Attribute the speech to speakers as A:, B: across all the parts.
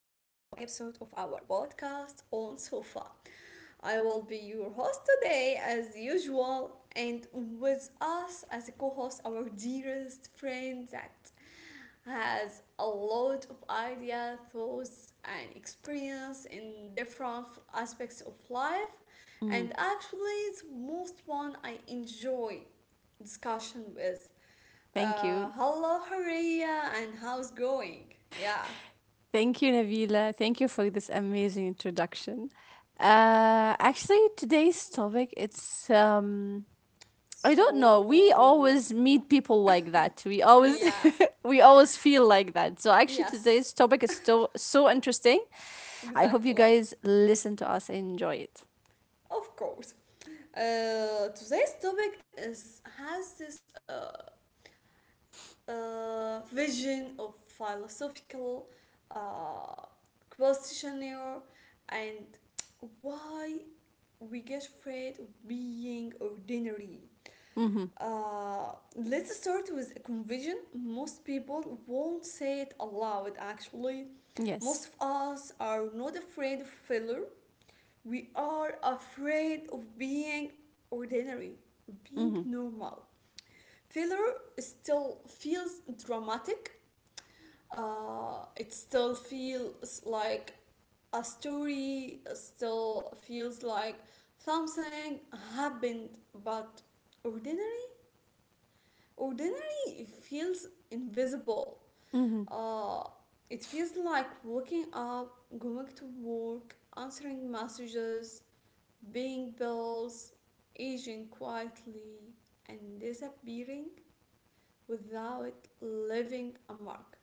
A: episode of our podcast on Sofa. I will be your host today, as usual, and with us as a co host, our dearest friend that has a lot of ideas, thoughts, and experience in different aspects of life. And
B: Mm,
A: actually, it's most one I enjoy discussion with
B: thank you.
A: hello, Haria, and how's going? Yeah.
B: Thank you, Nabila. Thank you for this amazing introduction. Actually, today's topic, I don't know. We
A: So,
B: always meet people like that. We always,
A: yeah,
B: we always feel like that. So actually,
A: yes,
B: today's topic is so, so interesting. I hope you
A: exactly.
B: guys listen to us and enjoy it.
A: Of course. Today's topic is has this vision of philosophical uh, questionnaire and why we get afraid of being ordinary.
B: Mm-hmm.
A: Let's start with a confession. Most people won't say it aloud, actually. Most
B: Yes.
A: of us are not afraid of failure, we are afraid of being ordinary, being
B: Mm-hmm.
A: normal. Failure still feels dramatic, it still feels like a story, still feels like something happened. But ordinary Ordinary feels invisible.
B: Mm-hmm.
A: Uh, it feels like waking up, going to work, answering messages, paying bills, aging quietly, and disappearing without leaving a mark.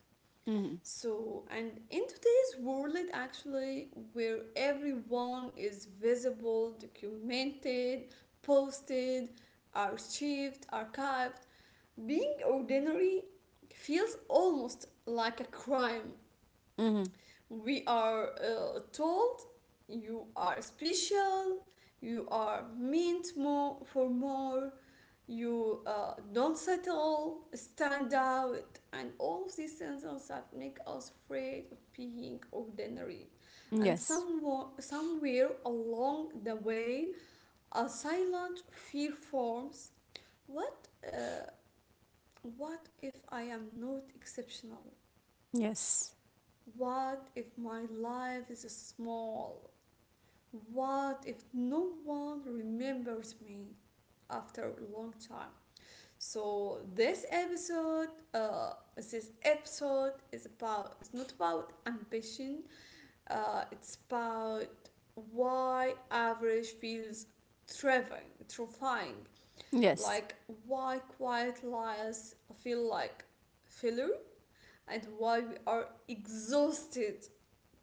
B: Mm-hmm.
A: So, and in today's world, actually, where everyone is visible, documented, posted, archived, being ordinary feels almost like a crime.
B: Mm-hmm.
A: We are told you are special, you are meant more for more, you don't settle, stand out, and all of these sentences that make us afraid of being ordinary. And
B: Yes.
A: somewhere along the way, a silent fear forms. What uh, what if I am not exceptional?
B: Yes.
A: What if my life is small? What if no one remembers me after a long time? So this episode is about. It's not about ambition. It's about why average feels terrifying.
B: Yes.
A: Like why quiet lies feel like filler and while we are exhausted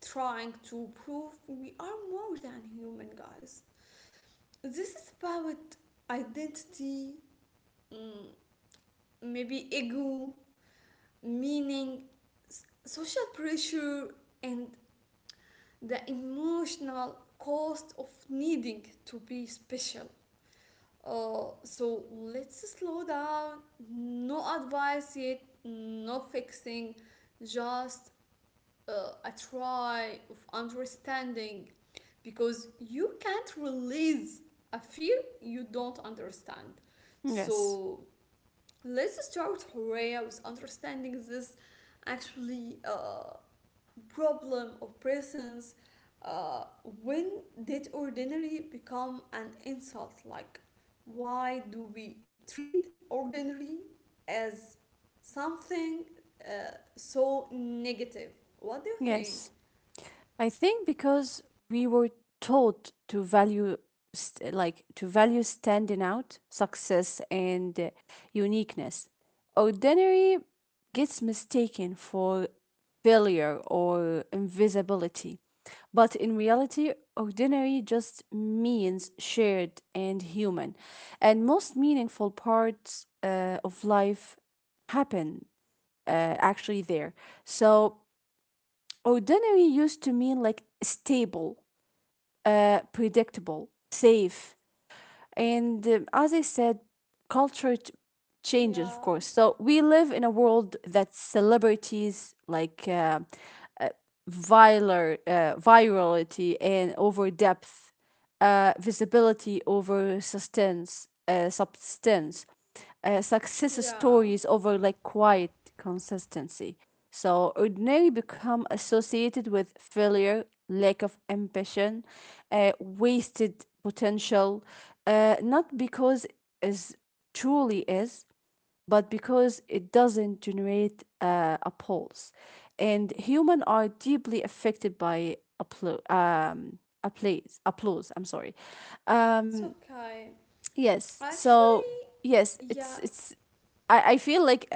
A: trying to prove we are more than human, guys. This is about identity, mm, maybe ego, meaning, social pressure, and the emotional cost of needing to be special. So let's slow down. No advice yet, no fixing, just a try of understanding because you can't release a fear you don't understand.
B: Yes.
A: So let's start Horea with understanding this actually problem of presence. When did ordinary become an insult? Like, why do we treat ordinary as something uh, so negative? What do you think?
B: Yes. I think because we were taught to value like to value standing out, success and uniqueness. Ordinary gets mistaken for failure or invisibility. But in reality, ordinary just means shared and human. And most meaningful parts of life happen actually there. So ordinary used to mean like stable, predictable, safe. And as I said, culture changes, of
A: Yeah,
B: course. So we live in a world that celebrities like viral, virality and over depth, visibility over substance, substance, success
A: yeah,
B: stories over like quiet consistency. So ordinary become associated with failure, lack of ambition, wasted potential, not because as truly is, but because it doesn't generate a pulse. And human are deeply affected by applause. Applause. I'm sorry.
A: it's
B: Um,
A: okay.
B: yes.
A: Actually,
B: So yes,
A: yeah,
B: it's it's. I feel like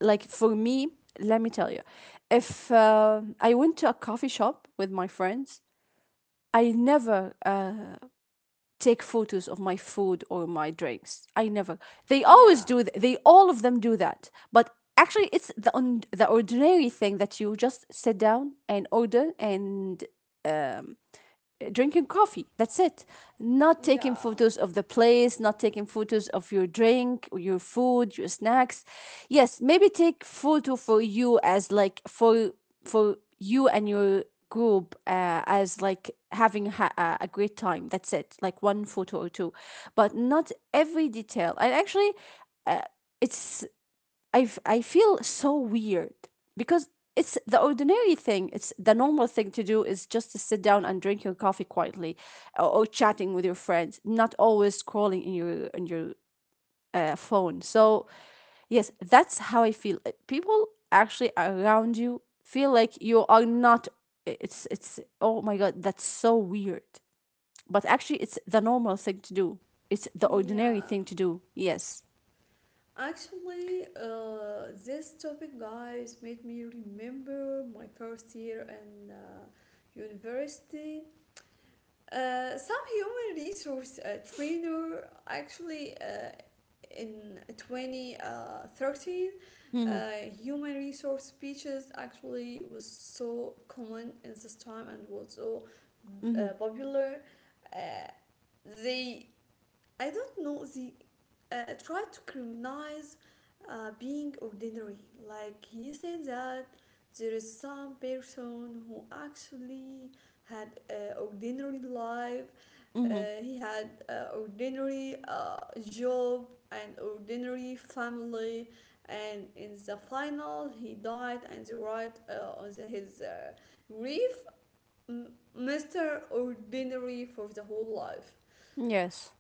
B: for me, let me tell you, if I went to a coffee shop with my friends, I never take photos of my food or my drinks. I never. They always
A: yeah,
B: do. They all of them do that. But actually, it's the ordinary thing that you just sit down and order and drinking coffee. That's it. Not taking
A: yeah,
B: photos of the place, not taking photos of your drink, your food, your snacks. Yes, maybe take photo for you as like for you and your group as like having a great time. That's it. Like one photo or two, but not every detail. And actually, uh, it's I feel so weird because it's the ordinary thing. It's the normal thing to do is just to sit down and drink your coffee quietly or chatting with your friends, not always scrolling in your phone. So yes, that's how I feel. People actually around you feel like you are not. It's oh my god, that's so weird. But actually, it's the normal thing to do. It's the ordinary
A: yeah.
B: thing to do. Yes.
A: Actually, this topic, guys, made me remember my first year in university. Some human resource trainer actually in twenty 13,
B: Mm-hmm.
A: uh, human resource speeches actually was so common in this time and was so
B: Mm-hmm.
A: popular. Uh, they I don't know. They try to criminalize being ordinary. Like he said that there is some person who actually had an ordinary life. Uh,
B: Mm-hmm.
A: he had an ordinary job and ordinary family, and in the final he died and they write on his grief, Mr. Ordinary for the whole life.
B: Yes.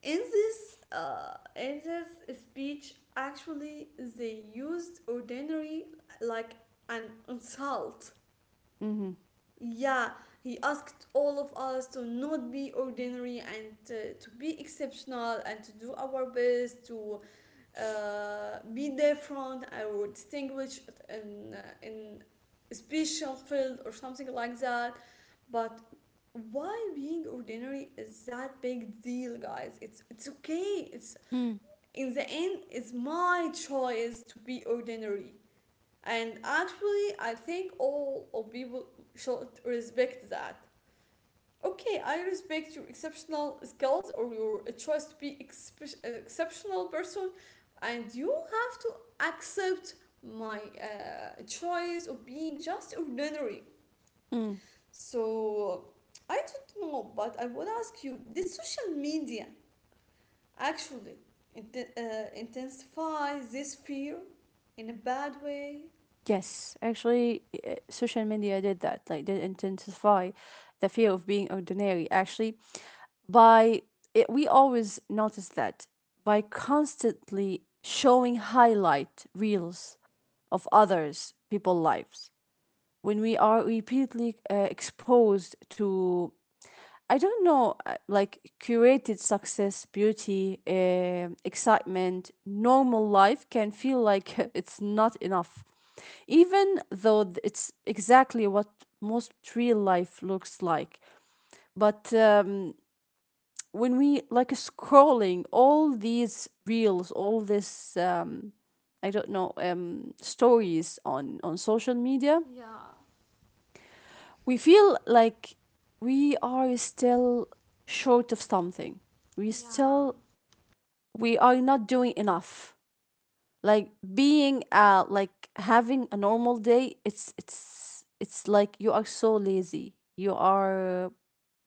A: In this in this speech actually they used ordinary like an insult.
B: Mm-hmm.
A: Yeah, he asked all of us to not be ordinary and to be exceptional and to do our best to be different or distinguish in in a special field or something like that. But why being ordinary is that big deal, guys? It's okay. it's
B: Mm,
A: In the end, it's my choice to be ordinary. And actually, I think all of people should respect that. Okay, I respect your exceptional skills or your choice to be exceptional person, and you have to accept my choice of being just ordinary.
B: mm.
A: So I don't know, but I would ask you, did social media actually intensify this fear in a bad way?
B: Yes, actually, social media did that. Like, did intensify the fear of being ordinary. Actually, by it, we always notice that by constantly showing highlight reels of others people lives when we are repeatedly exposed to I don't know, like curated success, beauty, excitement, normal life can feel like it's not enough. Even though it's exactly what most real life looks like. But when we like scrolling all these reels, I don't know, stories on social media,
A: Yeah,
B: we feel like we are still short of something. We
A: yeah,
B: still we are not doing enough, like being like having a normal day. It's like you are so lazy, you are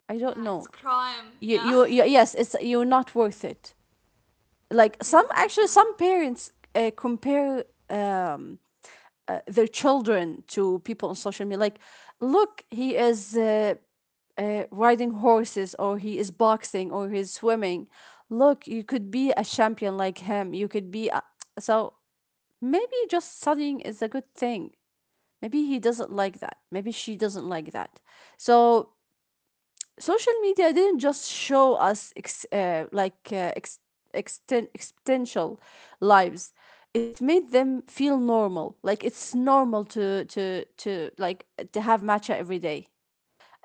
B: I don't
A: yeah, it's
B: know,
A: crime. Yeah,
B: you, yes, it's you're not worth it. Like some, actually,
A: exactly.
B: some parents compare um their children to people on social media, like look, he is riding horses, or he is boxing, or he's swimming. Look, you could be a champion like him. You could be a- So maybe just studying is a good thing. Maybe he doesn't like that. Maybe she doesn't like that. So social media didn't just show us existential lives. It made them feel normal. Like it's normal to like to have matcha every day.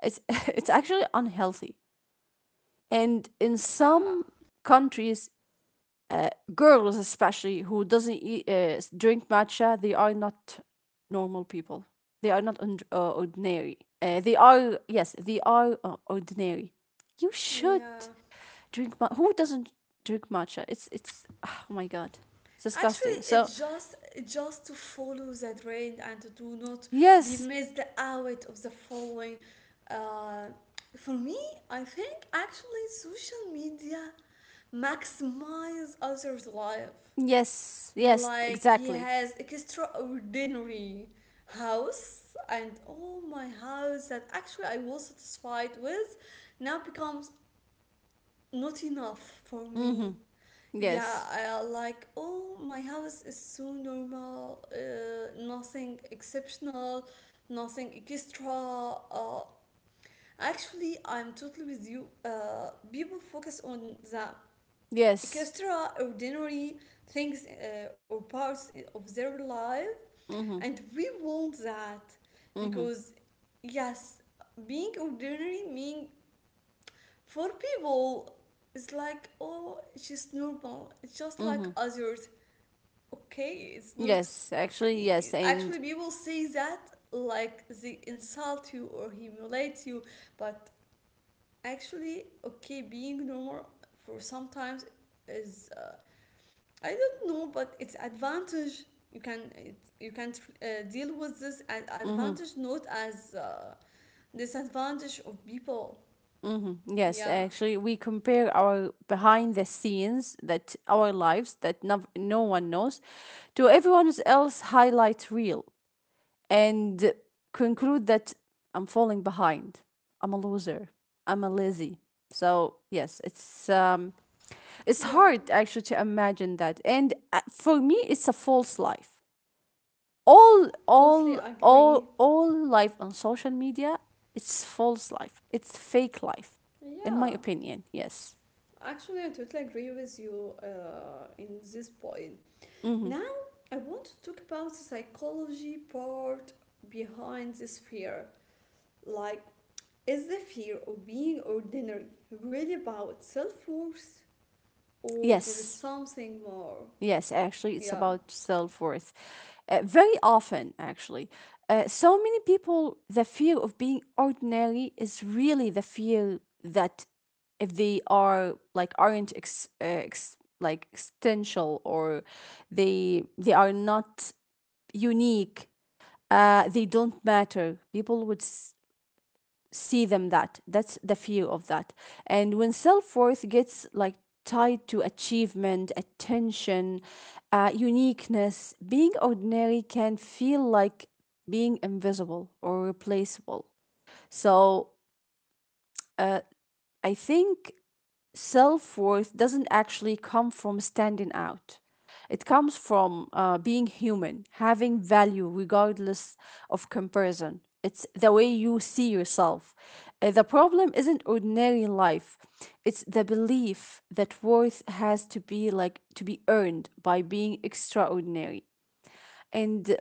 B: It's it's actually unhealthy, and in
A: Yeah,
B: some countries girls especially who doesn't drink matcha, they are not normal people. They are not und- ordinary, they are yes, they are ordinary. You should
A: yeah.
B: drink matcha. Who doesn't drink matcha? It's oh my god, it's
A: Actually,
B: disgusting. So
A: it's just to follow the trend and to do not be
B: yes.
A: missed out of the following. Uh, for me, I think actually social media maximize others' life.
B: Yes. Yes,
A: Like he
B: exactly.
A: has extraordinary house and all my house that actually I was satisfied with now becomes not enough for
B: Mm-hmm.
A: me. Yeah,
B: Yes.
A: I like oh my house is so normal, nothing exceptional, nothing extra. Uh, actually, I'm totally with you. People focus on the
B: Yes.
A: extraordinary things or parts of their life,
B: Mm-hmm.
A: and we want that
B: Mm-hmm.
A: because, yes, being ordinary mean for people it's like, oh, she's normal. It's just like
B: Mm-hmm.
A: others. Okay, it's not.
B: Yes, actually. Yes. And
A: Actually, people say that like they insult you or humiliate you, but actually, okay, being normal for sometimes is I don't know, but it's advantage. You can deal with this as
B: mm-hmm.
A: advantage, not as disadvantage of people.
B: Hmm. Yes,
A: Yeah.
B: actually, we compare our behind the scenes that our lives that no one knows to everyone else highlight reel and conclude that I'm falling behind. I'm a loser. I'm a lazy. So yes, it's
A: Yeah,
B: hard actually to imagine that, and for me, it's a false life.
A: totally agree.
B: All life on social media, it's false life, it's fake life, in my
A: Yeah,
B: opinion. Yes.
A: actually, I totally agree with you in this point.
B: Hmm.
A: Now, I want to talk about the psychology part behind this fear. Like, is the fear of being ordinary really about self worth, or there is
B: Yes.
A: something more?
B: Yes, actually, it's
A: Yeah,
B: about self-worth. Very often, actually, so many people, the fear of being ordinary is really the fear that if they are like aren't ex, ex like existential, or they are not unique, they don't matter. People would see them that. That's the fear of that. And when self worth gets like tied to achievement, attention, uniqueness, being ordinary can feel like being invisible or replaceable. So uh, I think self worth doesn't actually come from standing out. It comes from being human, having value regardless of comparison. It's the way you see yourself. The problem isn't ordinary life. It's the belief that worth has to be earned by being extraordinary. And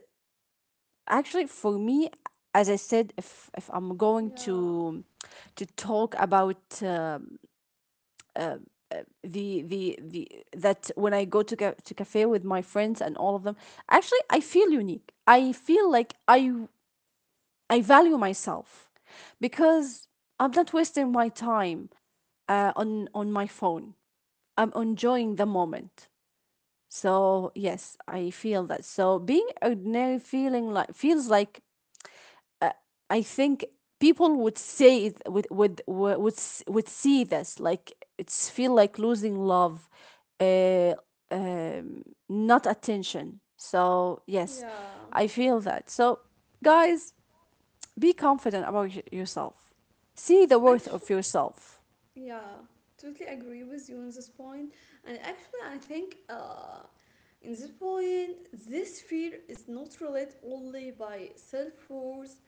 B: actually for me, as I said, if I'm going
A: yeah,
B: to talk about the that when I go to cafe with my friends and all of them, actually I feel unique. I feel like I value myself because I'm not wasting my time on my phone. I'm enjoying the moment. So yes, I feel that. So being ordinary feeling like feels like I think people would would see this like it's feel like losing love, uh, um, not attention. So yes,
A: yeah.
B: I feel that. So guys, be confident about yourself. See the worth
A: Actually,
B: of yourself.
A: yeah, totally agree with you on this point. And actually, I think in this point, this fear is not related only by self worth.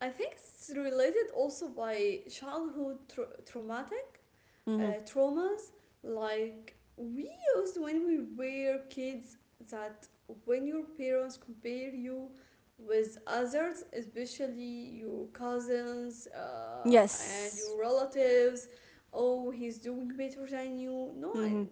A: I think it's related also by childhood traumatic
B: Mm-hmm.
A: traumas. Like we used when we were kids, that when your parents compare you with others, especially your cousins and
B: Yes.
A: your relatives. Oh, he's doing better than you. No,
B: Mm-hmm.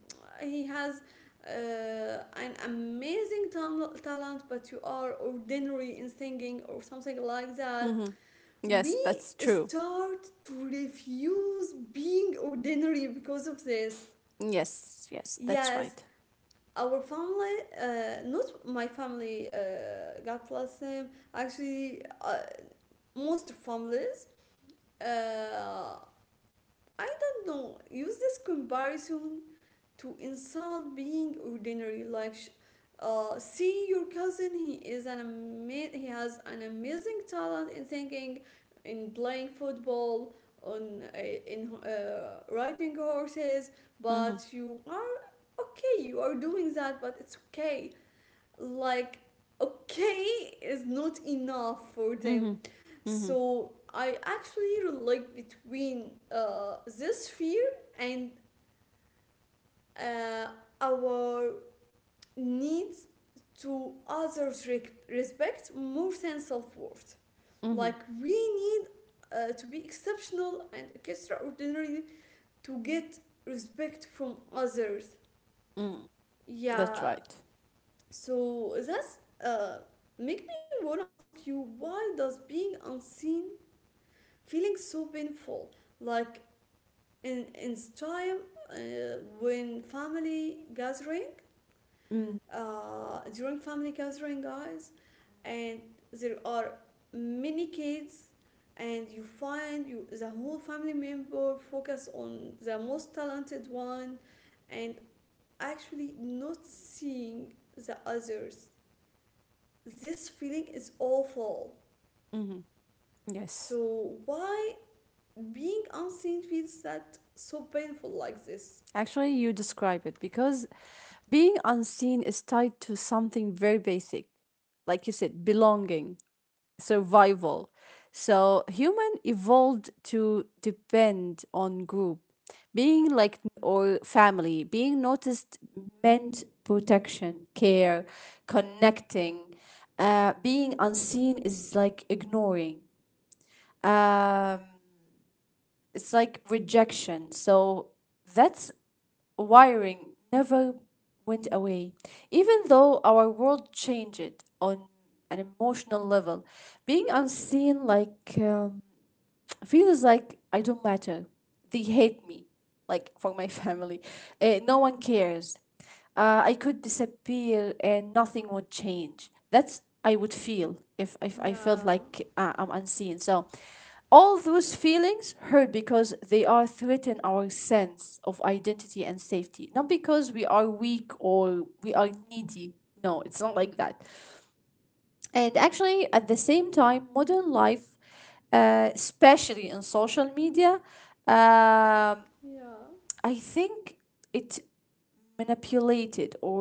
A: he has an amazing talent, but you are ordinary in singing or something like that.
B: Mm-hmm. Yes,
A: We
B: that's true.
A: start to refuse being ordinary because of this.
B: Yes, yes, that's
A: Yes,
B: right.
A: our family, not my family, God bless them, actually, most families, uh, I don't know, use this comparison to insult being ordinary like see your cousin, he is he has an amazing talent in singing, in playing football, on in riding horses,
B: Mm-hmm.
A: but you are okay, you are doing that, but it's okay. Like okay is not enough for
B: Mm-hmm.
A: them.
B: Mm-hmm.
A: So I actually relate between this fear and uh, our needs to others respect more than self-worth.
B: Mm-hmm.
A: Like we need to be exceptional and extraordinary to get respect from others.
B: Mm. That's
A: Yeah.
B: right.
A: So that's uh, make me wanna ask you, why does being unseen feeling so painful? Like in time when family gathering
B: Mm.
A: during family gathering, guys, and there are many kids and you find you the whole family member focus on the most talented one and actually not seeing the others, this feeling is awful.
B: Yes,
A: So why being unseen feels that so painful like this?
B: actually, you describe it because being unseen is tied to something very basic, like you said, belonging, survival. So human evolved to depend on group, being like or family, being noticed meant protection, care, connecting. Being unseen is like ignoring. Um, it's like rejection. So that's wiring never went away. Even though our world changed on an emotional level, being unseen feels like I don't matter. They hate me, like for my family. No one cares. I could disappear and nothing would change. That's I would feel if I felt
A: Yeah,
B: like I'm unseen. So all those feelings hurt because they are threaten our sense of identity and safety. Not because we are weak or we are needy. No, it's not like that. And actually, at the same time, modern life, especially in social media, um
A: yeah,
B: I think it manipulated or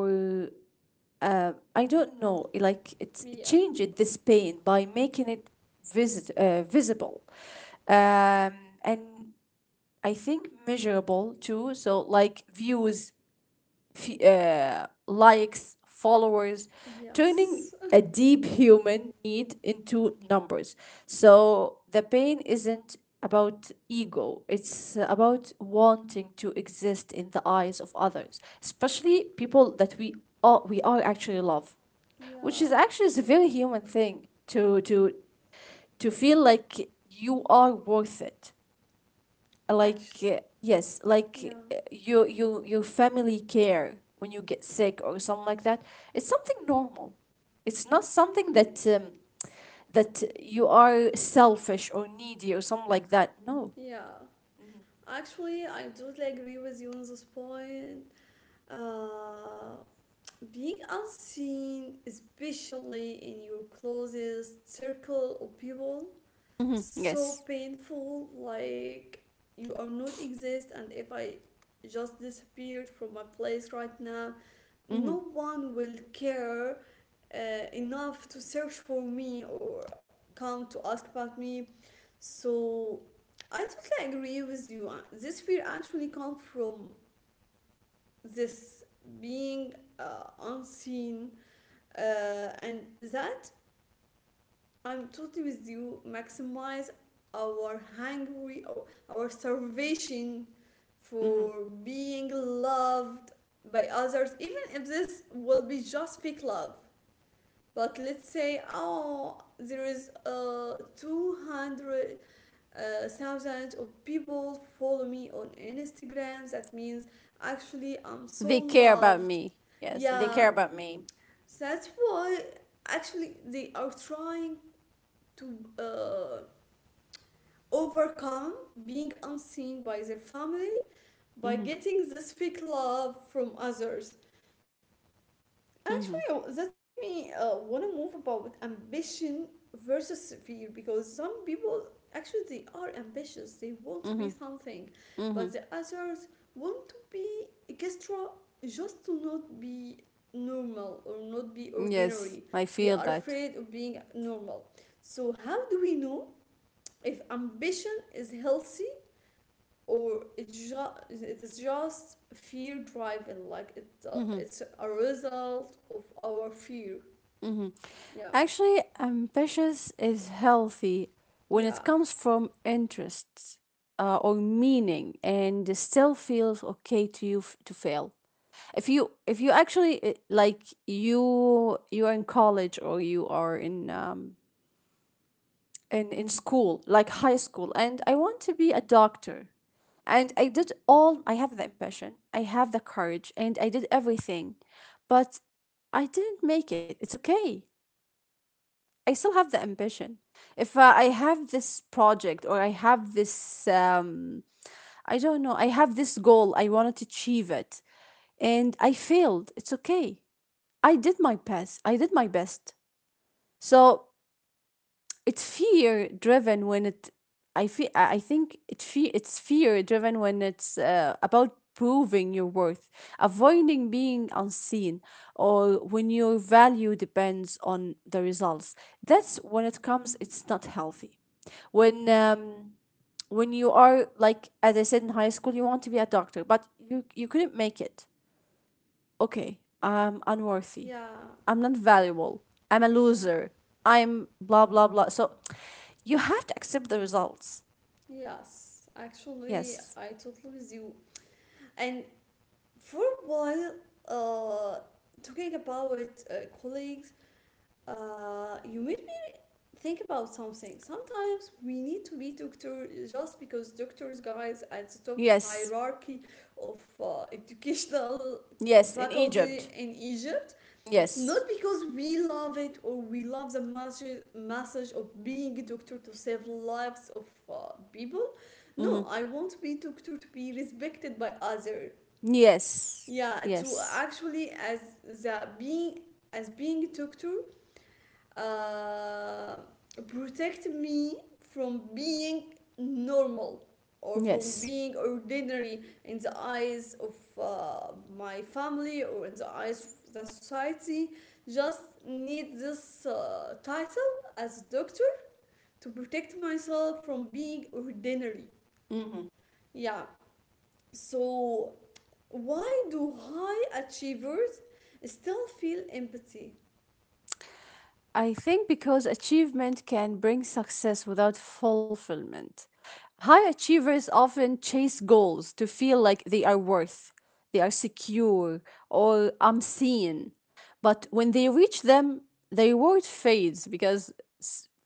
B: I don't know, like it
A: yeah,
B: changed this pain by making it visit visible, um, and I think measurable too. So like views, في likes, followers, turning
A: yes,
B: a deep human need into numbers. So the pain isn't about ego, it's about wanting to exist in the eyes of others, especially people that we are actually love, which
A: yeah,
B: is actually is a very human thing to feel like you are worth it, like
A: actually,
B: yes,
A: yeah.
B: like uh, your family care when you get sick or something like that. It's something normal. It's not something that that you are selfish or needy or something like that. No.
A: Yeah, actually, I totally agree with you on this point. Uh, being unseen, especially in your closest circle of people,
B: Hmm.
A: so
B: Yes.
A: painful. Like you are not exist, and if I just disappeared from my place right now,
B: Hmm.
A: no one will care uh, enough to search for me or come to ask about me. So I totally agree with you. This fear actually comes from this being unseen, and that I'm totally with you. Maximize our hungry or our starvation
B: Hmm.
A: for being loved by others, even if this will be just fake love. But let's say, oh, there is 200 thousands of people follow me on Instagram. That means actually I'm so
B: They care about
A: loved.
B: me. Yes, they
A: Yeah,
B: care about me.
A: that's why actually they are trying to uh, overcome being unseen by their family by
B: Hmm.
A: getting this fake love from others.
B: Hmm.
A: Actually, that make me want to move about ambition versus fear, because some people actually they are ambitious. They want to be
B: Hmm.
A: something,
B: Hmm.
A: but the others want to be extra just to not be normal or not be
B: Yes,
A: ordinary.
B: I
A: They
B: feel
A: are
B: that.
A: afraid of being normal. So how do we know if ambition is healthy or it's just fear driving, like it's
B: Hmm.
A: a result of our fear? Yeah,
B: Actually, ambitious is healthy when it
A: yeah,
B: comes from interests or meaning, and still feels okay to you to fail. If you actually like you are in college or you are in in school like high school, and I want to be a doctor, and I did all I have the ambition, I have the courage, and I did everything, but I didn't make it. It's okay. I still have the ambition. If I have this project or I have I don't know, I have this goal, I wanted to achieve it, and I failed, it's okay. I did my best. I did my best. So it's fear driven when it I feel I think it fe- it's fear driven when it's about proving your worth, avoiding being unseen, or when your value depends on the results. That's when it comes. It's not healthy when you are, like as I said, in high school you want to be a doctor but you couldn't make it. Okay, I'm unworthy.
A: yeah,
B: I'm not valuable. I'm a loser.
A: exactly.
B: I'm blah, blah, blah. So you have to accept the results.
A: Yes, actually,
B: Yes.
A: I totally with you. And for a while uh talking about uh, colleagues, you made think about something. Sometimes we need to be doctor just because doctors, guys, at the top
B: Yes.
A: hierarchy of educational
B: Yes. In
A: faculty
B: Egypt.
A: in Egypt, not
B: Yes.
A: because we love it or we love the message of being a doctor to save lives of people. No,
B: Mhm.
A: I want to be doctor to be respected by other.
B: Yes.
A: Yeah, to
B: Yes.
A: actually as being doctor uh, protect me from being normal or from
B: Yes.
A: being ordinary in the eyes of my family or in the eyes of the society. Just need this title as a doctor to protect myself from being ordinary.
B: Mhm.
A: Yeah. So why do high achievers still feel empathy?
B: I think because achievement can bring success without fulfillment. High achievers often chase goals to feel like they are worth, they are secure, or I'm seen. But when they reach them, the reward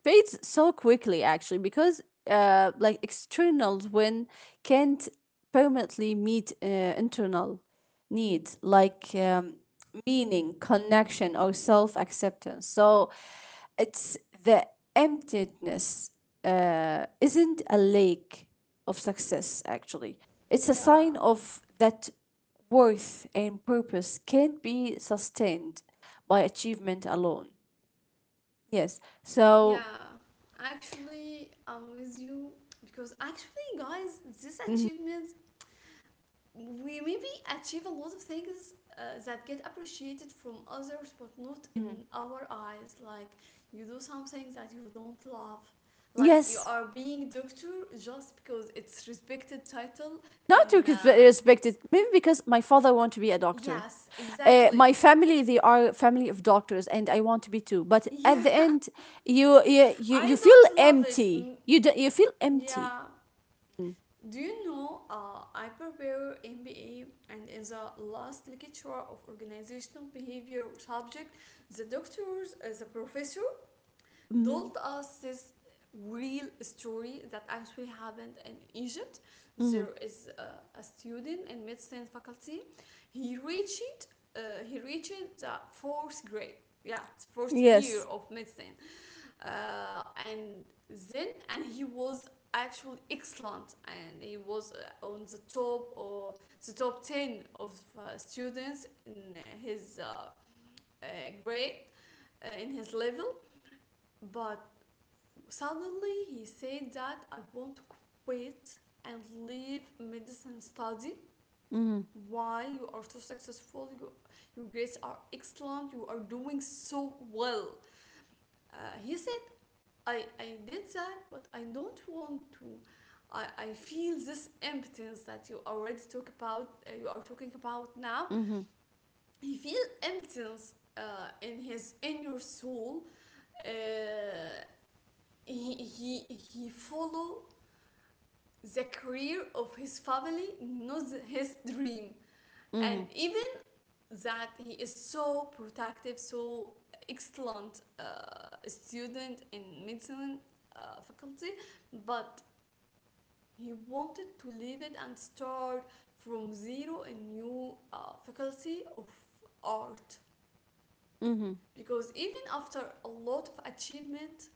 B: fades so quickly, actually, because like external win can't permanently meet internal needs like meaning, connection, or self acceptance. So it's the emptiness isn't a lake of success, actually. It's a
A: Yeah.
B: sign of that worth and purpose can't be sustained by achievement alone. Yes. So,
A: Yeah, actually, I'm with you, because actually, guys, this achievement, we maybe achieve a lot of things that get appreciated from others, but not
B: mm,
A: in our eyes. Like you do something that you don't love, like you
B: yes,
A: are being doctor just because it's respected title.
B: not to
A: And
B: cons- respect it, maybe because my father want to be a doctor.
A: yes,
B: My
A: exactly.
B: family, they are a family of doctors, and I want to be too. But at the
A: Yeah,
B: end, you
A: I
B: feel
A: don't love it.
B: empty.
A: Mm,
B: You do, you feel empty.
A: yeah. Do you know, I prepare MBA, and in the last lecture of organizational behavior subject, the professor
B: Mm-hmm.
A: told us this real story that actually happened in Egypt.
B: Mm-hmm.
A: There is a student in medicine faculty. He reached he reached the fourth grade. Yeah, the first year
B: Yes.
A: of medicine, and then and he was actually excellent, and he was on the top, or the top 10 of students in his uh, grade, in his level, but suddenly he said that I want to quit and leave medicine study.
B: Mm-hmm.
A: Why you are so successful, you, your grades are excellent, you are doing so well? He said, I did that, but I don't want to. I feel this emptiness that you already talk about. You are talking about now.
B: Mm-hmm.
A: He feel emptiness in his inner soul. Uh, he follow the career of his family, not his dream, and
B: Mm-hmm.
A: even that he is so protective, so excellent student in medicine faculty, but he wanted to leave it and start from zero a new faculty of art,
B: Mm-hmm.
A: because even after a lot of achievement,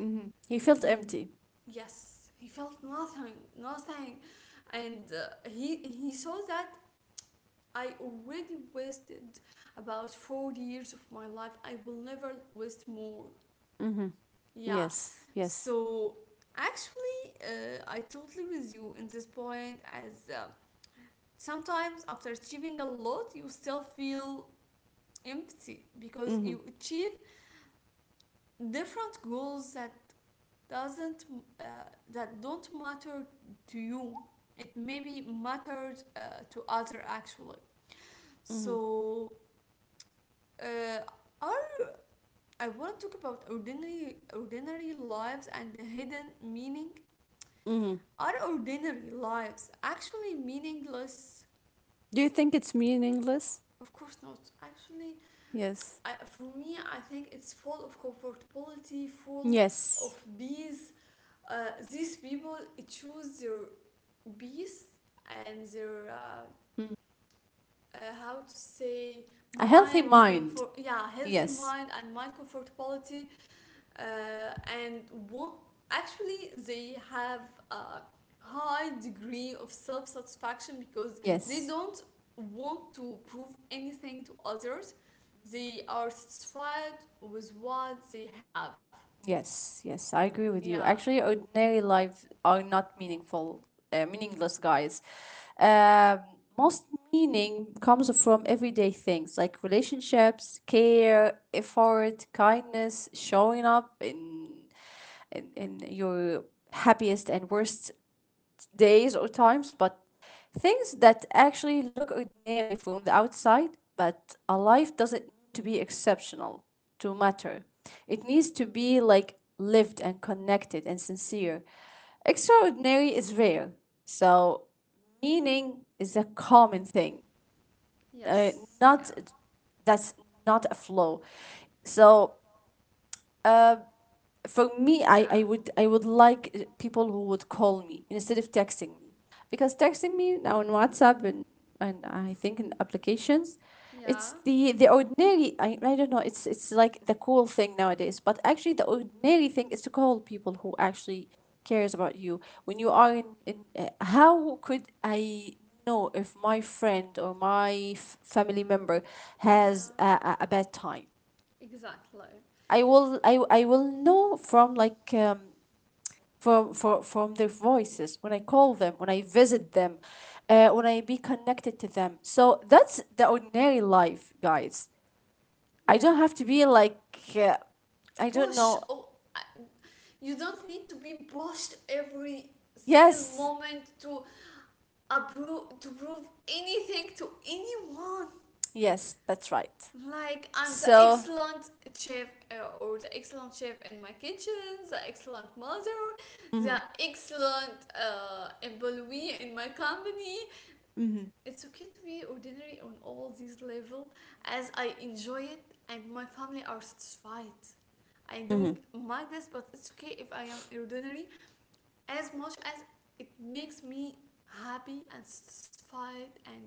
B: Mm-hmm. He felt
A: he
B: empty.
A: yes he felt nothing, nothing, and he saw that I already wasted about 4 years of my life. I will never waste more.
B: Mm-hmm.
A: Yeah,
B: Yes. Yes.
A: so actually, I totally with you in this point as. Sometimes after achieving a lot you still feel empty, because
B: Mm-hmm.
A: you achieve different goals that doesn't uh, that don't matter to you. It maybe mattered to other actually.
B: Mm-hmm.
A: So uh, our, I want to talk about ordinary lives and the hidden meaning.
B: Mm-hmm.
A: Are ordinary lives actually meaningless?
B: Do you think it's meaningless?
A: Of course not actually.
B: Yes.
A: I, for me, I think it's full of comfortability, full of
B: Yes.
A: peace. Uh, these people choose their peace and their
B: Mm.
A: how to say,
B: A healthy
A: mind
B: mind.
A: comfort, yeah, healthy
B: Yes.
A: mind and mind comfortability, uh, and what actually they have, a high degree of self-satisfaction, because they
B: Yes.
A: don't want to prove anything to others. They are satisfied with what they have.
B: Yes. Yes. I agree with
A: Yeah,
B: you. Actually, ordinary life are not meaningful, meaningless, guys. Um, most meaning comes from everyday things like relationships, care, effort, kindness, showing up in your happiest and worst days or times, but things that actually look ordinary from the outside, but a life doesn't need to be exceptional to matter. It needs to be like lived and connected and sincere. Extraordinary is rare, so meaning is a common thing, uh,
A: yes, yeah,
B: not that's not a flaw. So for me
A: yeah,
B: I would like people who would call me instead of texting me, because texting me now on WhatsApp and, I think, in applications,
A: yeah,
B: it's the ordinary. I don't know, it's like the cool thing nowadays, but actually the ordinary thing is to call people who actually cares about you. When you are in how could I know if my friend or my f- family member has
A: yeah,
B: a bad time?
A: exactly,
B: I will know from like from their voices, when I call them, when I visit them, when I be connected to them. So that's the ordinary life, guys. I don't
A: yeah.
B: have to be like, uh, I don't
A: Push,
B: know.
A: oh, I- you don't need to be pushed every single
B: Yes,
A: moment to appro- to prove anything to anyone.
B: yes, that's right.
A: Like I'm the
B: So,
A: excellent chef or the excellent chef in my kitchen, the excellent mother, the
B: mhm,
A: excellent employee in my company.
B: mhm,
A: It's okay to be ordinary on all these levels, as I enjoy it and my family are satisfied. I'm
B: mhm,
A: doing my best, but it's okay if I am ordinary, as much as it makes me happy and satisfied and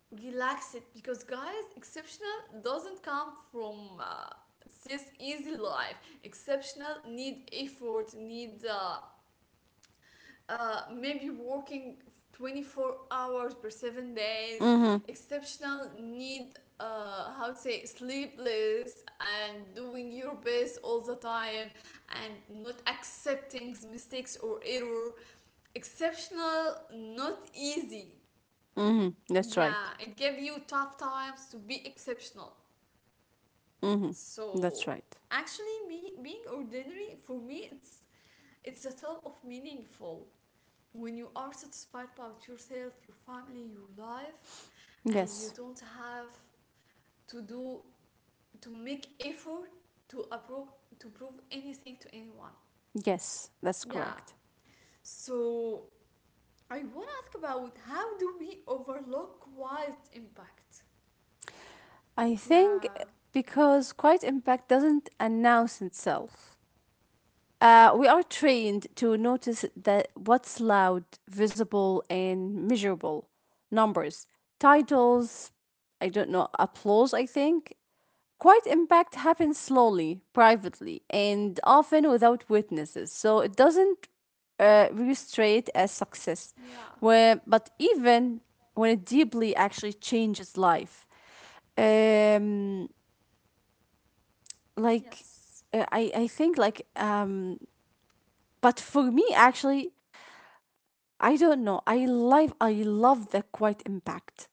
A: relax it, because guys, exceptional doesn't come from this easy life. Exceptional need effort, need maybe working 24 hours per 7 days.
B: mhm,
A: Exceptional need how to say, sleepless and doing your best all the time and not accepting mistakes or error. Exceptional not easy.
B: mhm, that's right.
A: Yeah, it gives you tough times to be exceptional.
B: Hmm. That's
A: So
B: right.
A: actually, me being ordinary, for me, it's a top of meaningful. When you are satisfied about yourself, your family, your life, and you
B: Yes,
A: don't have to do, to make effort, to approve, to prove anything to anyone.
B: yes, that's
A: Yeah.
B: correct.
A: So I wanna ask about, how do we overlook quiet impact?
B: I think
A: Yeah.
B: because quiet impact doesn't announce itself. We are trained to notice that what's loud, visible, and measurable. Numbers, titles, I don't know, applause, I think. Quiet impact happens slowly, privately, and often without witnesses. So it doesn't registrate as success.
A: Yeah.
B: Where, but even when it deeply actually changes life, um, like
A: Yes.
B: I think like but for me actually I don't know. I love the quiet impact.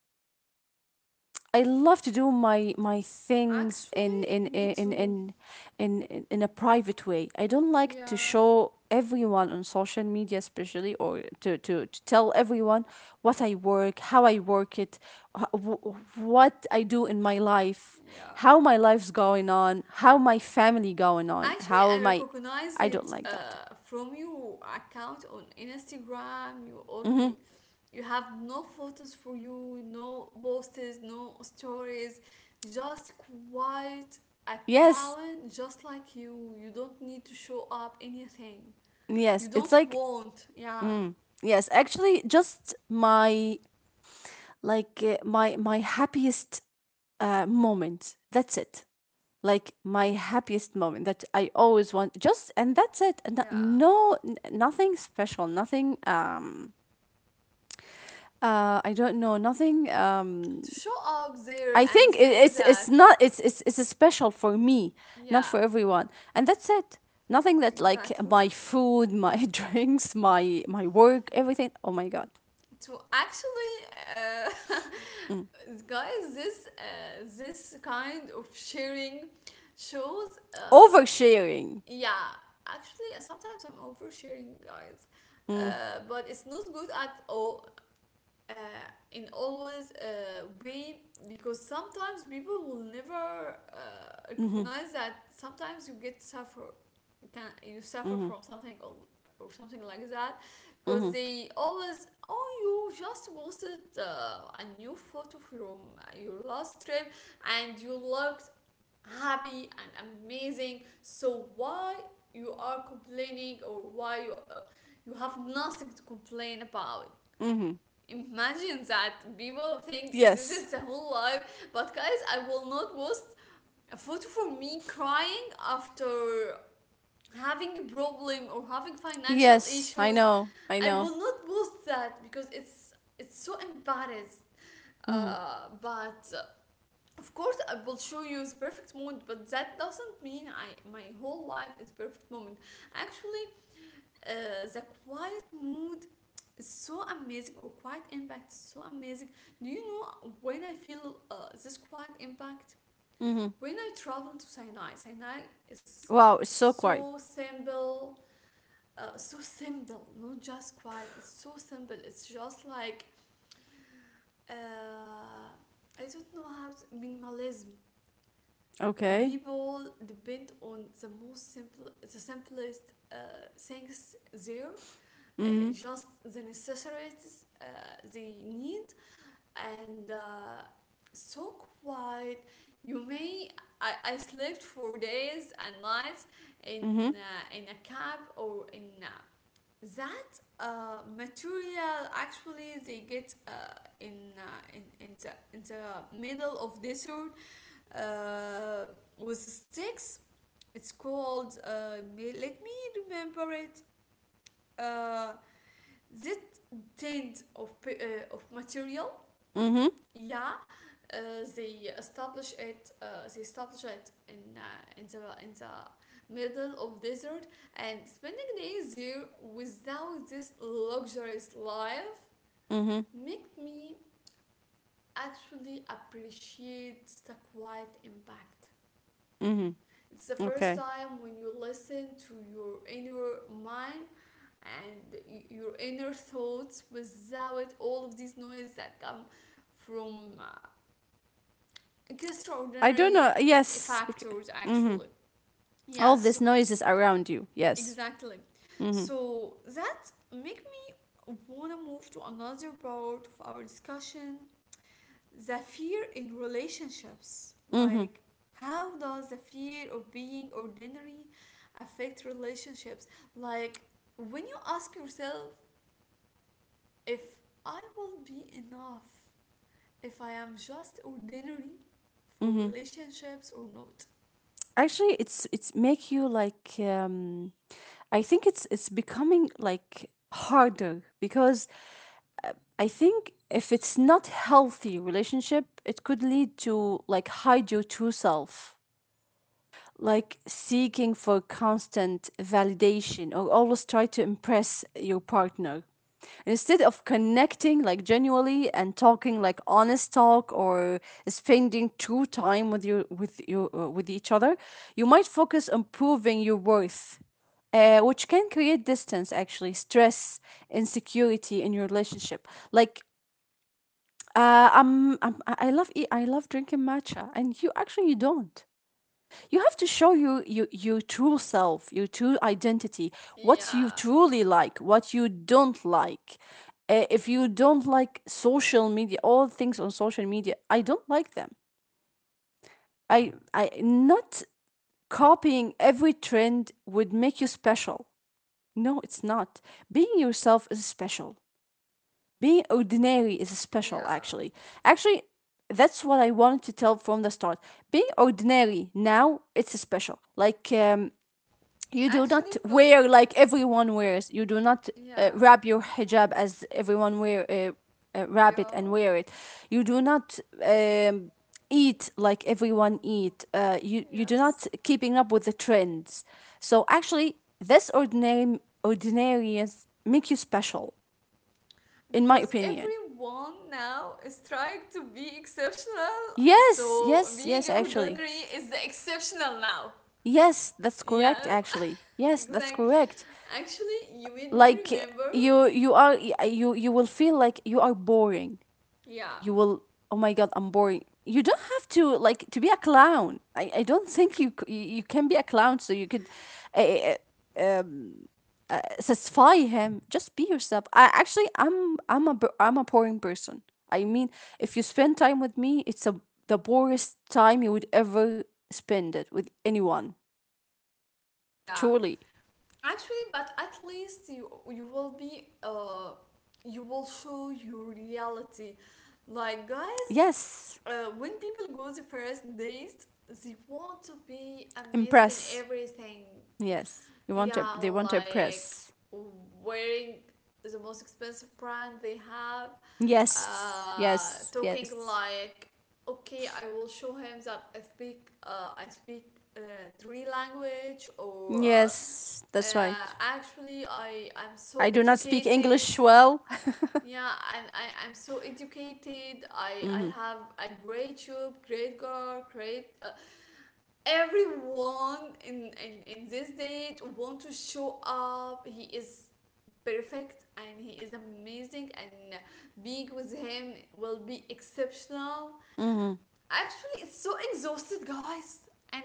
B: I love to do my my things in
A: Actually,
B: in
A: me
B: in in
A: too.
B: in in, in a private way. I don't like to
A: Yeah,
B: show everyone on social media, especially, or to, to tell everyone what I work, how I work it, wh- wh- what I do in my life,
A: yeah.
B: how my life's going on, how my family going on,
A: Actually, I
B: how my,
A: recognize
B: I
A: it
B: don't like that.
A: from your account on Instagram. You
B: Hmm.
A: only, you have no photos for you, no posts, no stories, just quiet
B: Yes,
A: account, just like you. You don't need to show up anything.
B: yes,
A: You
B: it's
A: don't
B: like,
A: want, yeah,
B: yes, actually, just my, like my my happiest moment. That's it. Like my happiest moment that I always want. Just and that's it. No,
A: yeah,
B: no, n- nothing special. Nothing. I don't know. Nothing.
A: to show up there
B: I
A: and
B: think it,
A: say that.
B: it's not it's it's special for me, not for
A: Yeah,
B: everyone, and that's it. Nothing that like
A: exactly.
B: my food, my drinks, my work, everything. Oh my god.
A: To actually, uh,
B: Mm.
A: guys, this kind of sharing shows,
B: Oversharing.
A: yeah, actually, sometimes I'm oversharing, guys,
B: Mm-hmm.
A: but it's not good at all uh, in always way, because sometimes people will never
B: Mhm.
A: recognize that sometimes you get suffer, you can, you suffer
B: Mhm.
A: from something, or something like that, because
B: Mhm.
A: they always, oh, you just posted a new photo from your last trip and you looked happy and amazing, so why you are complaining or why you, you have nothing to complain about?
B: Mhm.
A: Imagine that people think this
B: Yes.
A: is the whole life, but guys, I will not post a photo for me crying after having a problem or having financial
B: Yes. I
A: issues.
B: know. I
A: I
B: know.
A: will not post that because it's so embarrassed.
B: Mhm.
A: But of course, I will show you the perfect moment, but that doesn't mean I, my whole life is perfect moment. Actually, the quiet mood is so amazing, or quiet impact is so amazing. Do you know when I feel this quiet impact?
B: Mhm.
A: When I travel to Sinai. Sinai is
B: Wow. It's so
A: so
B: quiet.
A: simple, so simple, not just quiet, it's so simple, it's just like, uh, I don't know how to, minimalism.
B: Okay.
A: People depend on the most simple, the simplest things there,
B: Mhm.
A: just the necessities they need, and so quiet. You may, I slept for days and nights
B: Mhm.
A: in a cab, or in that material actually they get in the middle of desert, uh, with sticks. It's called let me remember it, uh, this kind of p- of material,
B: Mhm.
A: yeah, uh, they establish it. They establish it in the middle of desert and spending days there without this luxurious life,
B: Mhm.
A: make me actually appreciate the quiet impact.
B: Mhm.
A: It's the first
B: Okay.
A: time when you listen to your inner mind and your inner thoughts without all of these noise that come from
B: I don't know.
A: extraordinary
B: Yes. Okay.
A: factors
B: Mhm.
A: actually. Yeah,
B: All
A: so
B: these noises around you. Yes.
A: exactly.
B: Mhm.
A: So that make me want to move to another part of our discussion, the fear in relationships.
B: Mhm.
A: Like, how does the fear of being ordinary affect relationships? Like, when you ask yourself, if I will be enough, if I am just ordinary for
B: Mhm.
A: relationships or not.
B: Actually, it's make you like I think it's becoming like harder because I think if it's not healthy relationship, it could lead to like hide your true self, like seeking for constant validation or always try to impress your partner. Instead of connecting like genuinely and talking like honest talk or spending true time with your with each other, you might focus on proving your worth, which can create distance, actually stress, insecurity in your relationship. Like I love eat, I love drinking matcha, and you actually you don't. You have to show you, you your true self, your true identity, what you
A: Yeah,
B: truly like, what you don't like. If you don't like social media, all things on social media, I don't like them. I not Copying every trend would make you special. No, it's not. Being yourself is special. Being ordinary is special,
A: yeah.
B: actually. Actually, that's what I wanted to tell from the start. Being ordinary now, it's special. Like, you do
A: Actually,
B: not
A: because,
B: wear like everyone wears. You do not
A: yeah,
B: wrap your hijab as everyone wear wrap
A: yeah,
B: it and wear it. You do not um, eat like everyone eat. You you do
A: yes.
B: not keeping up with the trends. So actually, this ordinary ordinariness make you special, in my
A: Because
B: opinion.
A: everyone now is trying to be exceptional,
B: Yes,
A: so
B: yes,
A: being
B: yes, actually.
A: ordinary is the exceptional now.
B: Yes, that's
A: Yes,
B: correct actually. Yes, that's
A: exactly.
B: correct.
A: Actually, you made me
B: Like
A: remember.
B: you will feel like you are boring.
A: Yeah,
B: You will, oh my god, I'm boring. You don't have to like to be a clown. I don't think you c- you can be a clown so you could uh, satisfy him. Just be yourself. I actually I'm a am a boring person. I mean, if you spend time with me, it's a the boringest time you would ever spend it with anyone.
A: yeah.
B: Truly,
A: Actually, but at least you, you will be uh, you will show your reality. Like guys,
B: yes.
A: when people go the first date, they want to be amazing in
B: Impress.
A: everything.
B: Yes, you want to.
A: Yeah,
B: They want to
A: like
B: impress.
A: wearing the most expensive brand they have,
B: Yes, yes,
A: talking
B: yes,
A: like, okay, I will show him that I speak three language, or.
B: yes. That's right.
A: Actually, I I'm so
B: I do not speak
A: educated.
B: English well.
A: Yeah, and I I'm so educated. I
B: Mm-hmm.
A: have a great job, great girl, great. Everyone in this date want to show up. He is perfect and he is amazing, and being with him will be exceptional.
B: Mm-hmm.
A: Actually, it's so exhausted, guys. And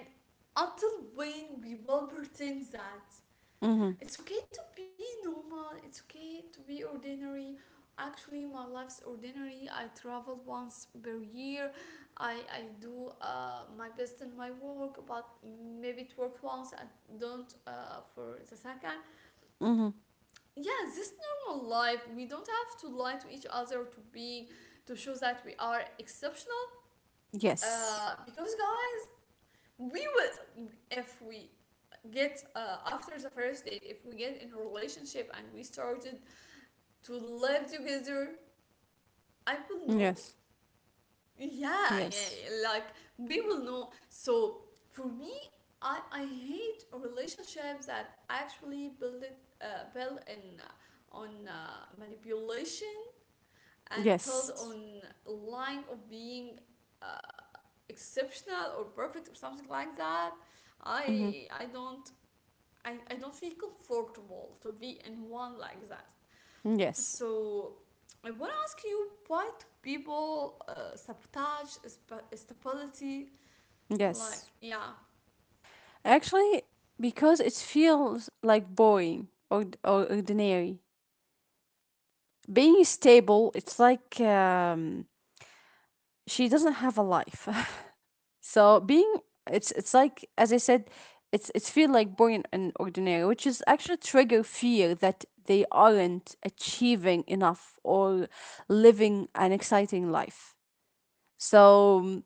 A: until when we will pretend that?
B: Mm-hmm.
A: It's okay to be normal. It's okay to be ordinary. Actually, my life's ordinary. I travel once per year. I do my best in my work, but maybe it worked once and don't for the second.
B: Mm-hmm.
A: Yeah, this normal life. We don't have to lie to each other to be to show that we are exceptional.
B: Yes.
A: Because guys, we will, if we get after the first date, if we get in a relationship and we started to live together, I will know.
B: Yes.
A: Yeah, yeah,
B: Yes.
A: yeah, like, we will know. So for me, I hate relationships that actually build in on manipulation and build
B: Yes.
A: on lying of being uh, exceptional or perfect or something like that.
B: Mm-hmm.
A: I i don't I, I don't feel comfortable to be in one like that.
B: Yes,
A: So I want to ask you, why do people sabotage sp- stability? Like,
B: yes.
A: yeah,
B: Actually, because it feels like boring or ordinary. Being stable, it's like she doesn't have a life. So being, it's like as I said, it's feel like boring and ordinary, which is actually trigger fear that they aren't achieving enough or living an exciting life. So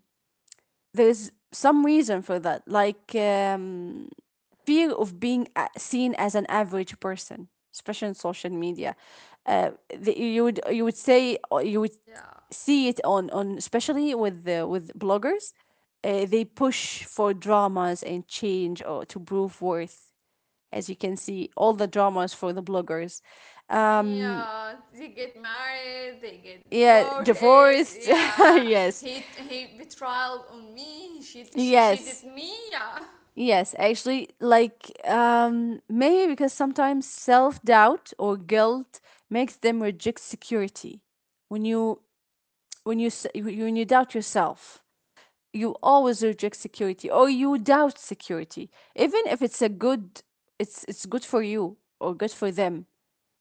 B: there's some reason for that, like. Fear of being a- seen as an average person, especially on social media. The, you would say or you would
A: yeah,
B: see it on especially with the, with bloggers. They push for dramas and change or to prove worth. As you can see, all the dramas for the bloggers. Um,
A: yeah. They get married, they get
B: yeah,
A: divorced.
B: divorced.
A: Yeah,
B: Yes,
A: he betrayal on me. She did
B: yes.
A: me. Yeah,
B: Yes, actually, like maybe because sometimes self doubt or guilt makes them reject security. When you doubt yourself, you always reject security, or you doubt security, even if it's a good, it's good for you or good for them.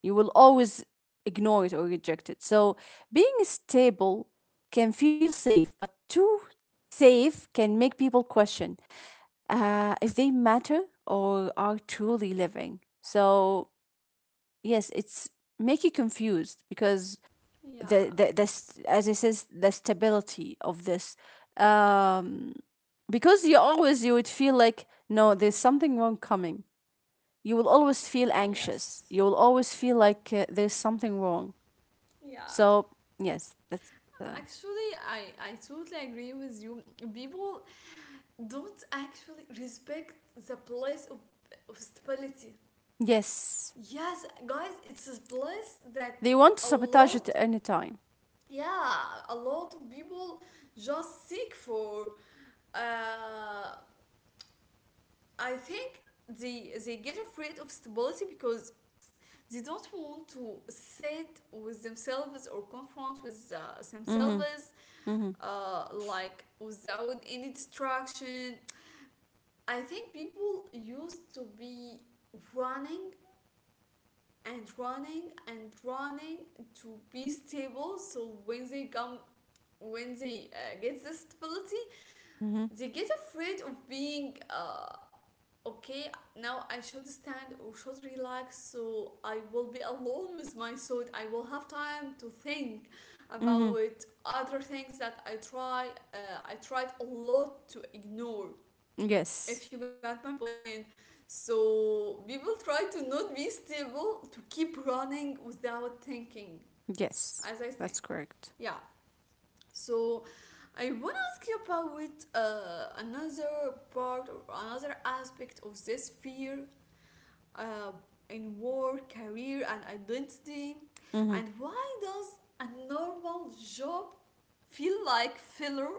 B: You will always ignore it or reject it. So being stable can feel safe, but too safe can make people question if they matter or are truly living. So yes, it's make you confused because
A: yeah,
B: as I says the stability of this. Um, because you always you would feel like no there's something wrong coming, you will always feel anxious,
A: yes,
B: you will always feel like there's something wrong.
A: yeah.
B: So yes, that's uh,
A: Actually, I totally agree with you. People don't actually respect the place of stability.
B: yes,
A: Yes, guys, it's a place that
B: they want to
A: a
B: sabotage it
A: lot,
B: at any time.
A: yeah, a lot of people just seek for. Uh, I think they get afraid of stability because they don't want to sit with themselves or confront with
B: Mm-hmm.
A: themselves,
B: Mm-hmm.
A: like without any distraction. I think people used to be running and running and running to be stable, so when they come, when they get this stability,
B: Mm-hmm.
A: they get afraid of being, okay, now I should stand or should relax, so I will be alone with my thought, I will have time to think
B: Mm-hmm.
A: about other things that I try, I tried a lot to ignore,
B: Yes.
A: if you got my point. So people try to not be stable, to keep running without thinking,
B: Yes,
A: as I say.
B: that's correct.
A: Yeah. So I want to ask you about another part or another aspect of this fear uh, in work, career, and identity.
B: Mm-hmm.
A: And why does a normal job feel like filler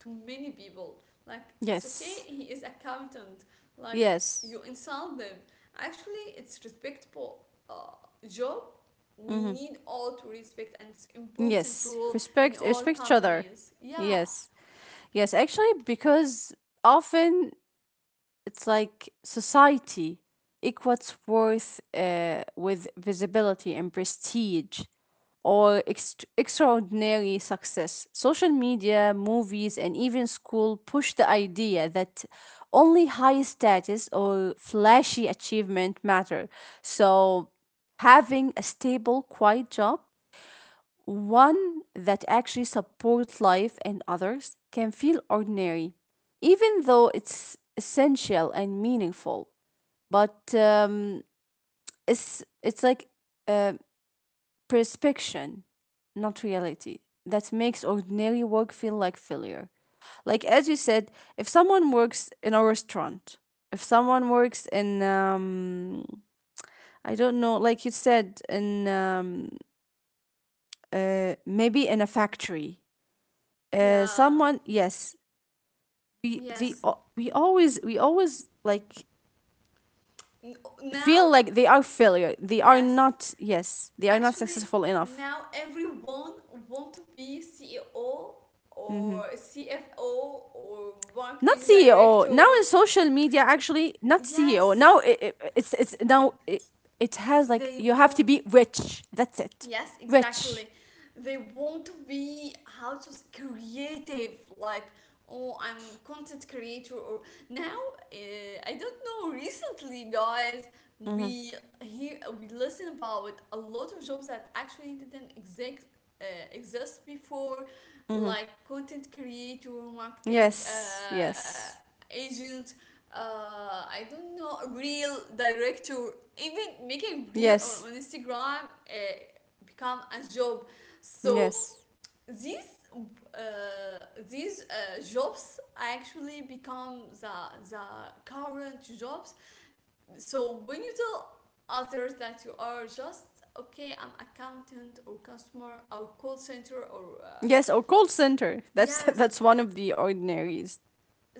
A: to many people? Like, it's okay,
B: Yes.
A: he is accountant. Like,
B: Yes.
A: you insult them. Actually, it's respectable job. We
B: Mm-hmm.
A: need all to respect, and it's important
B: Yes.
A: role in
B: Respect,
A: all
B: respect each other.
A: companies. Yeah,
B: Yes. Yes, actually because often it's like society equates worth with visibility and prestige or ext- extraordinary success. Social media, movies, and even school push the idea that only high status or flashy achievement matter. So, having a stable, quiet job, one that actually supports life and others, can feel ordinary, even though it's essential and meaningful. But it's like uh, prescription, not reality. That makes ordinary work feel like failure. Like as you said, if someone works in a restaurant, if someone works in I don't know, like you said, in maybe in a factory,
A: yeah,
B: someone, yes,
A: yes.
B: we always like
A: N- Now,
B: feel like they are failure, they are
A: yes.
B: not, yes, they are not
A: Actually,
B: successful enough.
A: now everyone want to be CEO
B: Hmm.
A: or CFO or
B: Not
A: marketing
B: CEO now
A: director.
B: in social media, actually not CEO now,
A: Yes,
B: I it's now it has like
A: they
B: you have to
A: want.
B: be rich, that's it.
A: Yes,
B: Rich.
A: exactly. They want to be creative, like oh, I'm content creator. Or now, uh, I don't know. Recently, guys,
B: Hmm.
A: we hear we listen about a lot of jobs that actually didn't exist uh, exist before,
B: Hmm.
A: like content creator, marketing
B: Yes, yes,
A: agent. I don't know, real director, even making real on,
B: yes,
A: on Instagram. Become a job. So
B: yes,
A: these jobs actually become the current jobs. So when you tell others that you are just okay, I'm accountant or customer or call center or
B: yes, or call center, that's
A: yes,
B: that's one of the ordinaries.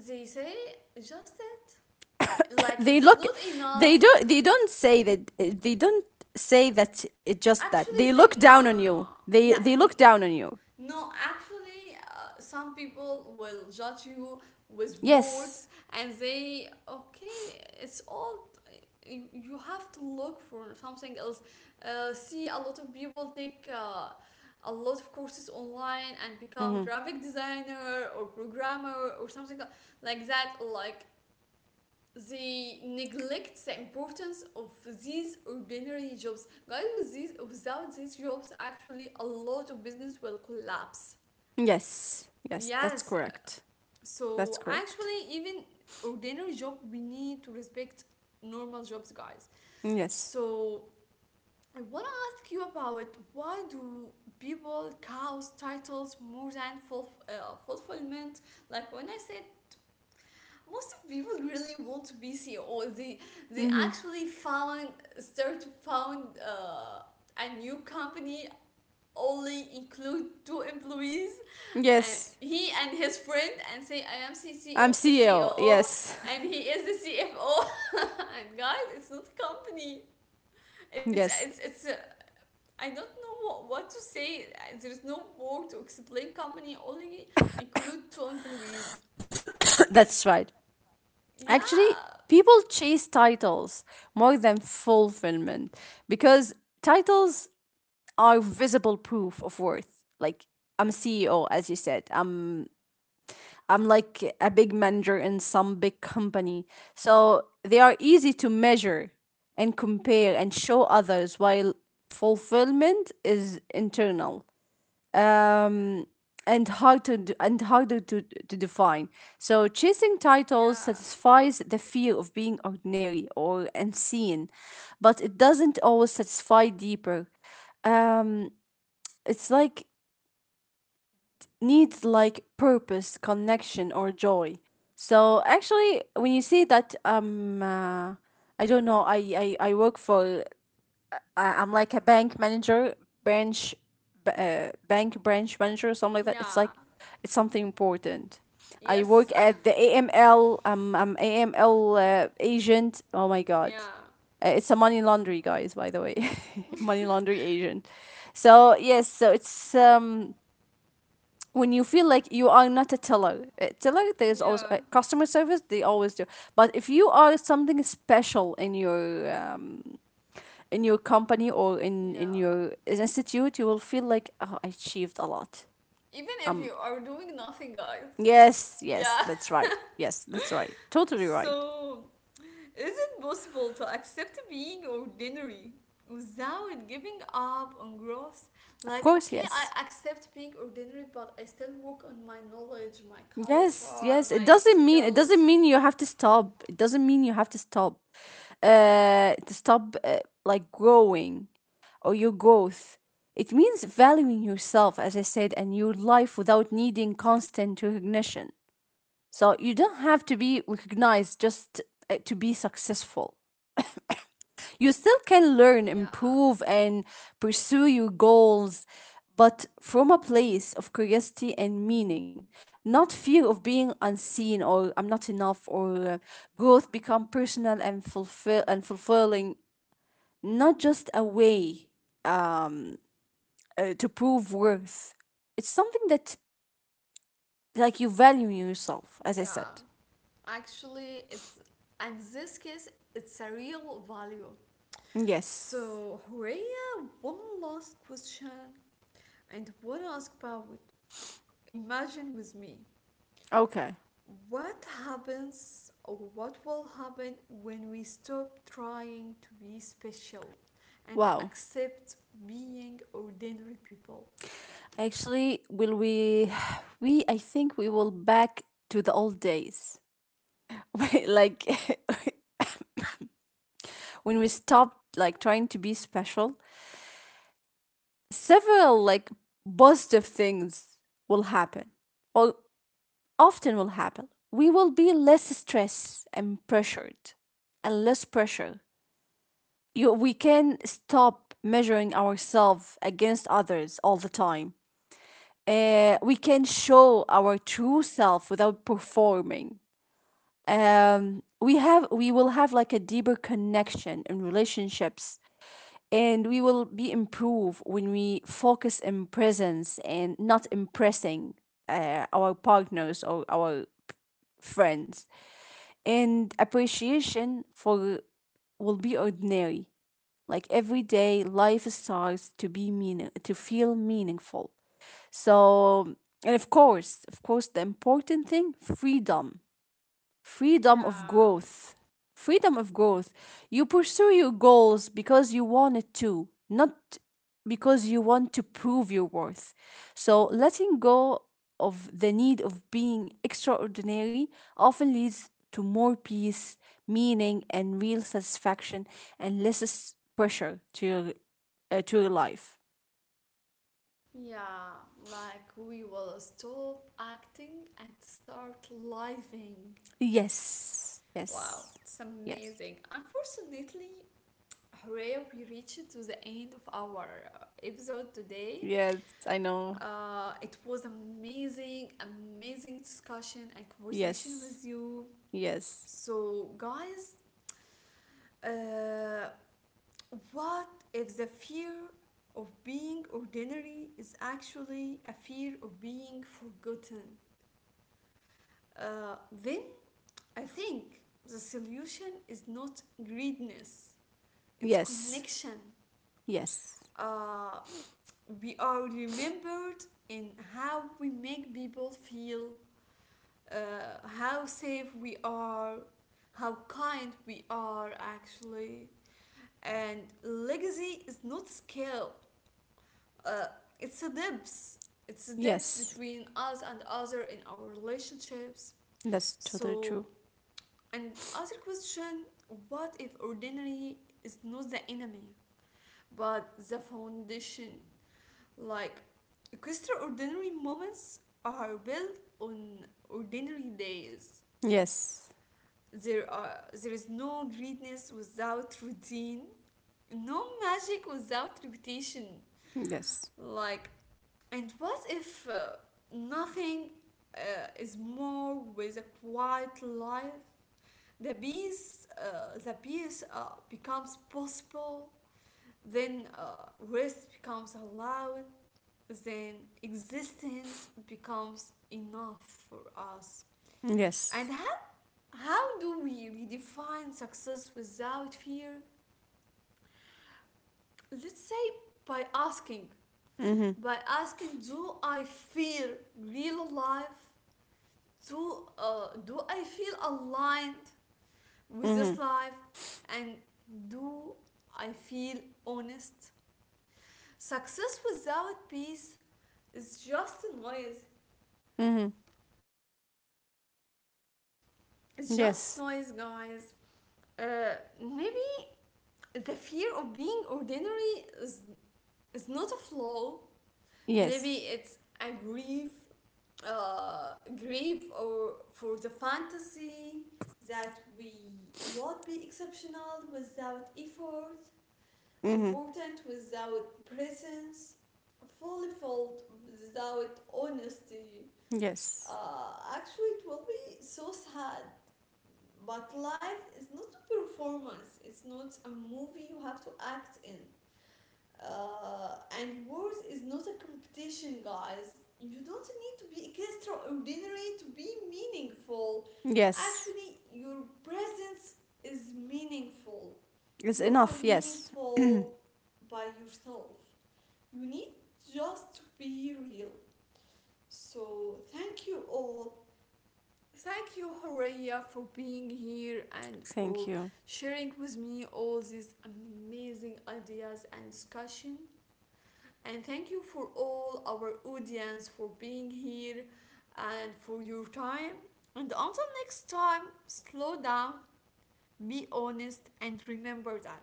A: they say just it, like
B: They
A: it's
B: look,
A: not
B: they do,
A: enough.
B: they don't say that, they don't say that, it just that
A: Actually
B: they
A: they
B: look
A: no
B: down
A: no
B: on
A: no
B: you, they
A: yeah
B: they look down on you.
A: No, actually, some people will judge you with
B: Yes.
A: words and say, okay, it's all. You have to look for something else. See, a lot of people take a lot of courses online and become
B: Hmm.
A: graphic designer or programmer or something like that. Like they neglect the importance of these ordinary jobs. Guys, with these, without these jobs, actually, a lot of business will collapse.
B: Yes, yes, that's
A: Yes.
B: correct, that's
A: So
B: correct.
A: actually, even ordinary job, we need to respect normal jobs, guys.
B: Yes.
A: So I wanna ask you about why do people cows titles more than fulfillment? Like when I said. Most of people really want to be CEO. They
B: Hmm.
A: actually found start to found a new company only include two employees, and
B: Yes,
A: he and his friend and say I am C C
B: I'm
A: O C O
B: CEO,
A: O
B: yes.
A: and he is the CFO and guys it's not a company. It's it's
B: Yes.
A: it's a, I don't know what to say. There is no word to explain company only include two employees.
B: That's right.
A: yeah
B: Actually, people chase titles more than fulfillment because titles are visible proof of worth, like I'm CEO, as you said, I'm like a big manager in some big company. So they are easy to measure and compare and show others, while fulfillment is internal. Um and harder to define. So chasing titles
A: yeah
B: satisfies the fear of being ordinary or unseen, but it doesn't always satisfy deeper. Um, it's like needs like purpose, connection, or joy. So actually, when you say that, I don't know, I work for, I'm like a bank manager, branch, bank branch manager, or something like that. It's like,
A: yeah
B: it's something important. I
A: yes
B: work at the AML, I'm A AML agent. Oh my God.
A: yeah
B: It's a money laundry, guys, by the way. Money laundry agent. So, yes, so it's, when you feel like you are not a teller, a teller, there's always
A: yeah
B: customer service they always do. But if you are something special in your company or in
A: yeah
B: your institute, you will feel like, oh, I achieved a lot.
A: even if you are doing nothing, guys.
B: Yes,
A: Yeah.
B: yes, that's right. Yes, that's right. Totally right.
A: So, is it possible to accept being ordinary without giving up on growth?
B: Of
A: Like,
B: course,
A: okay, I
B: yes.
A: accept being ordinary, but I still work on my knowledge, my
B: Yes,
A: culture,
B: yes. It
A: my
B: doesn't mean it
A: skills.
B: doesn't mean you have to stop. It doesn't mean you have to stop. To stop like growing or your growth. It means valuing yourself, as I said, and your life without needing constant recognition. So you don't have to be recognized just to be successful, you still can learn,
A: Yeah,
B: improve, and pursue your goals, but from a place of curiosity and meaning, not fear of being unseen or I'm not enough or growth become personal and fulfilling, not just a way um, to prove worth. It's something that, like, you value yourself, as I said.
A: yeah. Actually, it's in this case, it's a real value.
B: Yes.
A: So, Horea, one last question, and want to ask about imagine with me
B: Okay.
A: what happens or what will happen when we stop trying to be special and
B: Wow.
A: accept being ordinary people.
B: Actually, will we we, I think we will back to the old days. Like when we stopped like trying to be special, several like positive things will happen. Or often will happen. We will be less stressed and pressured and less pressure. You, we can stop measuring ourselves against others all the time. We can show our true self without performing. We will have like a deeper connection in relationships, and we will be improved when we focus in presence and not impressing our partners or our friends, and appreciation for will be ordinary, like every day life starts to be meaning to feel meaningful. So, and of course, of course, the important thing, freedom, freedom of
A: Yeah.
B: growth. Freedom of growth. You pursue your goals because you want it to, not because you want to prove your worth. So, letting go of the need of being extraordinary often leads to more peace, meaning, and real satisfaction, and pressure to your life.
A: Yeah, like we will stop acting and start living.
B: Yes,
A: Wow,
B: yes,
A: it's
B: yes,
A: amazing. Unfortunately, hooray, we reached to the end of our episode today.
B: yes, I know.
A: It was amazing, amazing discussion and conversation
B: Yes,
A: with you.
B: yes,
A: So, guys, uh, what if the fear of being ordinary is actually a fear of being forgotten? Then I think the solution is not greediness, it's
B: yes.
A: connection.
B: Yes.
A: Uh, we are remembered in how we make people feel, how safe we are, how kind we are actually. And legacy is not skill. Uh, it's a depth. It's a depth
B: Yes.
A: between us and other in our relationships.
B: That's totally
A: So,
B: true.
A: and other question: what if ordinary is not the enemy, but the foundation? Like extraordinary moments are built on ordinary days.
B: Yes.
A: There is no greatness without routine, no magic without repetition.
B: Yes.
A: Like, and what if nothing is more with a quiet life? The peace becomes possible. Then rest becomes allowed. Then existence becomes enough for us. And
B: Yes.
A: how do we redefine success without fear? Let's say by asking
B: Mhm.
A: by asking, do I feel real alive, do I feel aligned with this
B: Mhm.
A: life, and do I feel honest? Success without peace is just noise.
B: Mhm.
A: It's just
B: Yes.
A: noise, guys. uh, Maybe the fear of being ordinary is not a flaw. Maybe
B: Yes.
A: it's a grief, uh, grief or for the fantasy that we would be exceptional without effort,
B: Mhm.
A: important without presence, fulfilled without honesty.
B: Yes.
A: Actually, it will be so sad. But life is not a performance. It's not a movie you have to act in. Uh, and worth is not a competition, guys. You don't need to be extraordinary to be meaningful.
B: Yes.
A: Actually, your presence is meaningful.
B: It's
A: You are
B: enough. Yes.
A: meaningful by yourself. You need just to be real. So, thank you all. Thank you, Horeya, for being here and
B: Thank
A: for
B: you.
A: sharing with me all these amazing ideas and discussion. And thank you for all our audience for being here and for your time. And until next time, slow down, be honest, and remember that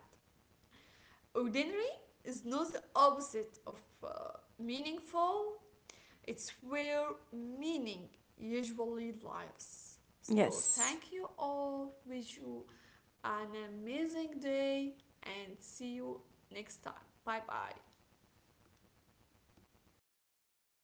A: ordinary is not the opposite of meaningful, it's where meaning usually lies. So,
B: Yes.
A: thank you all. Wish you an amazing day and see you next time. Bye bye.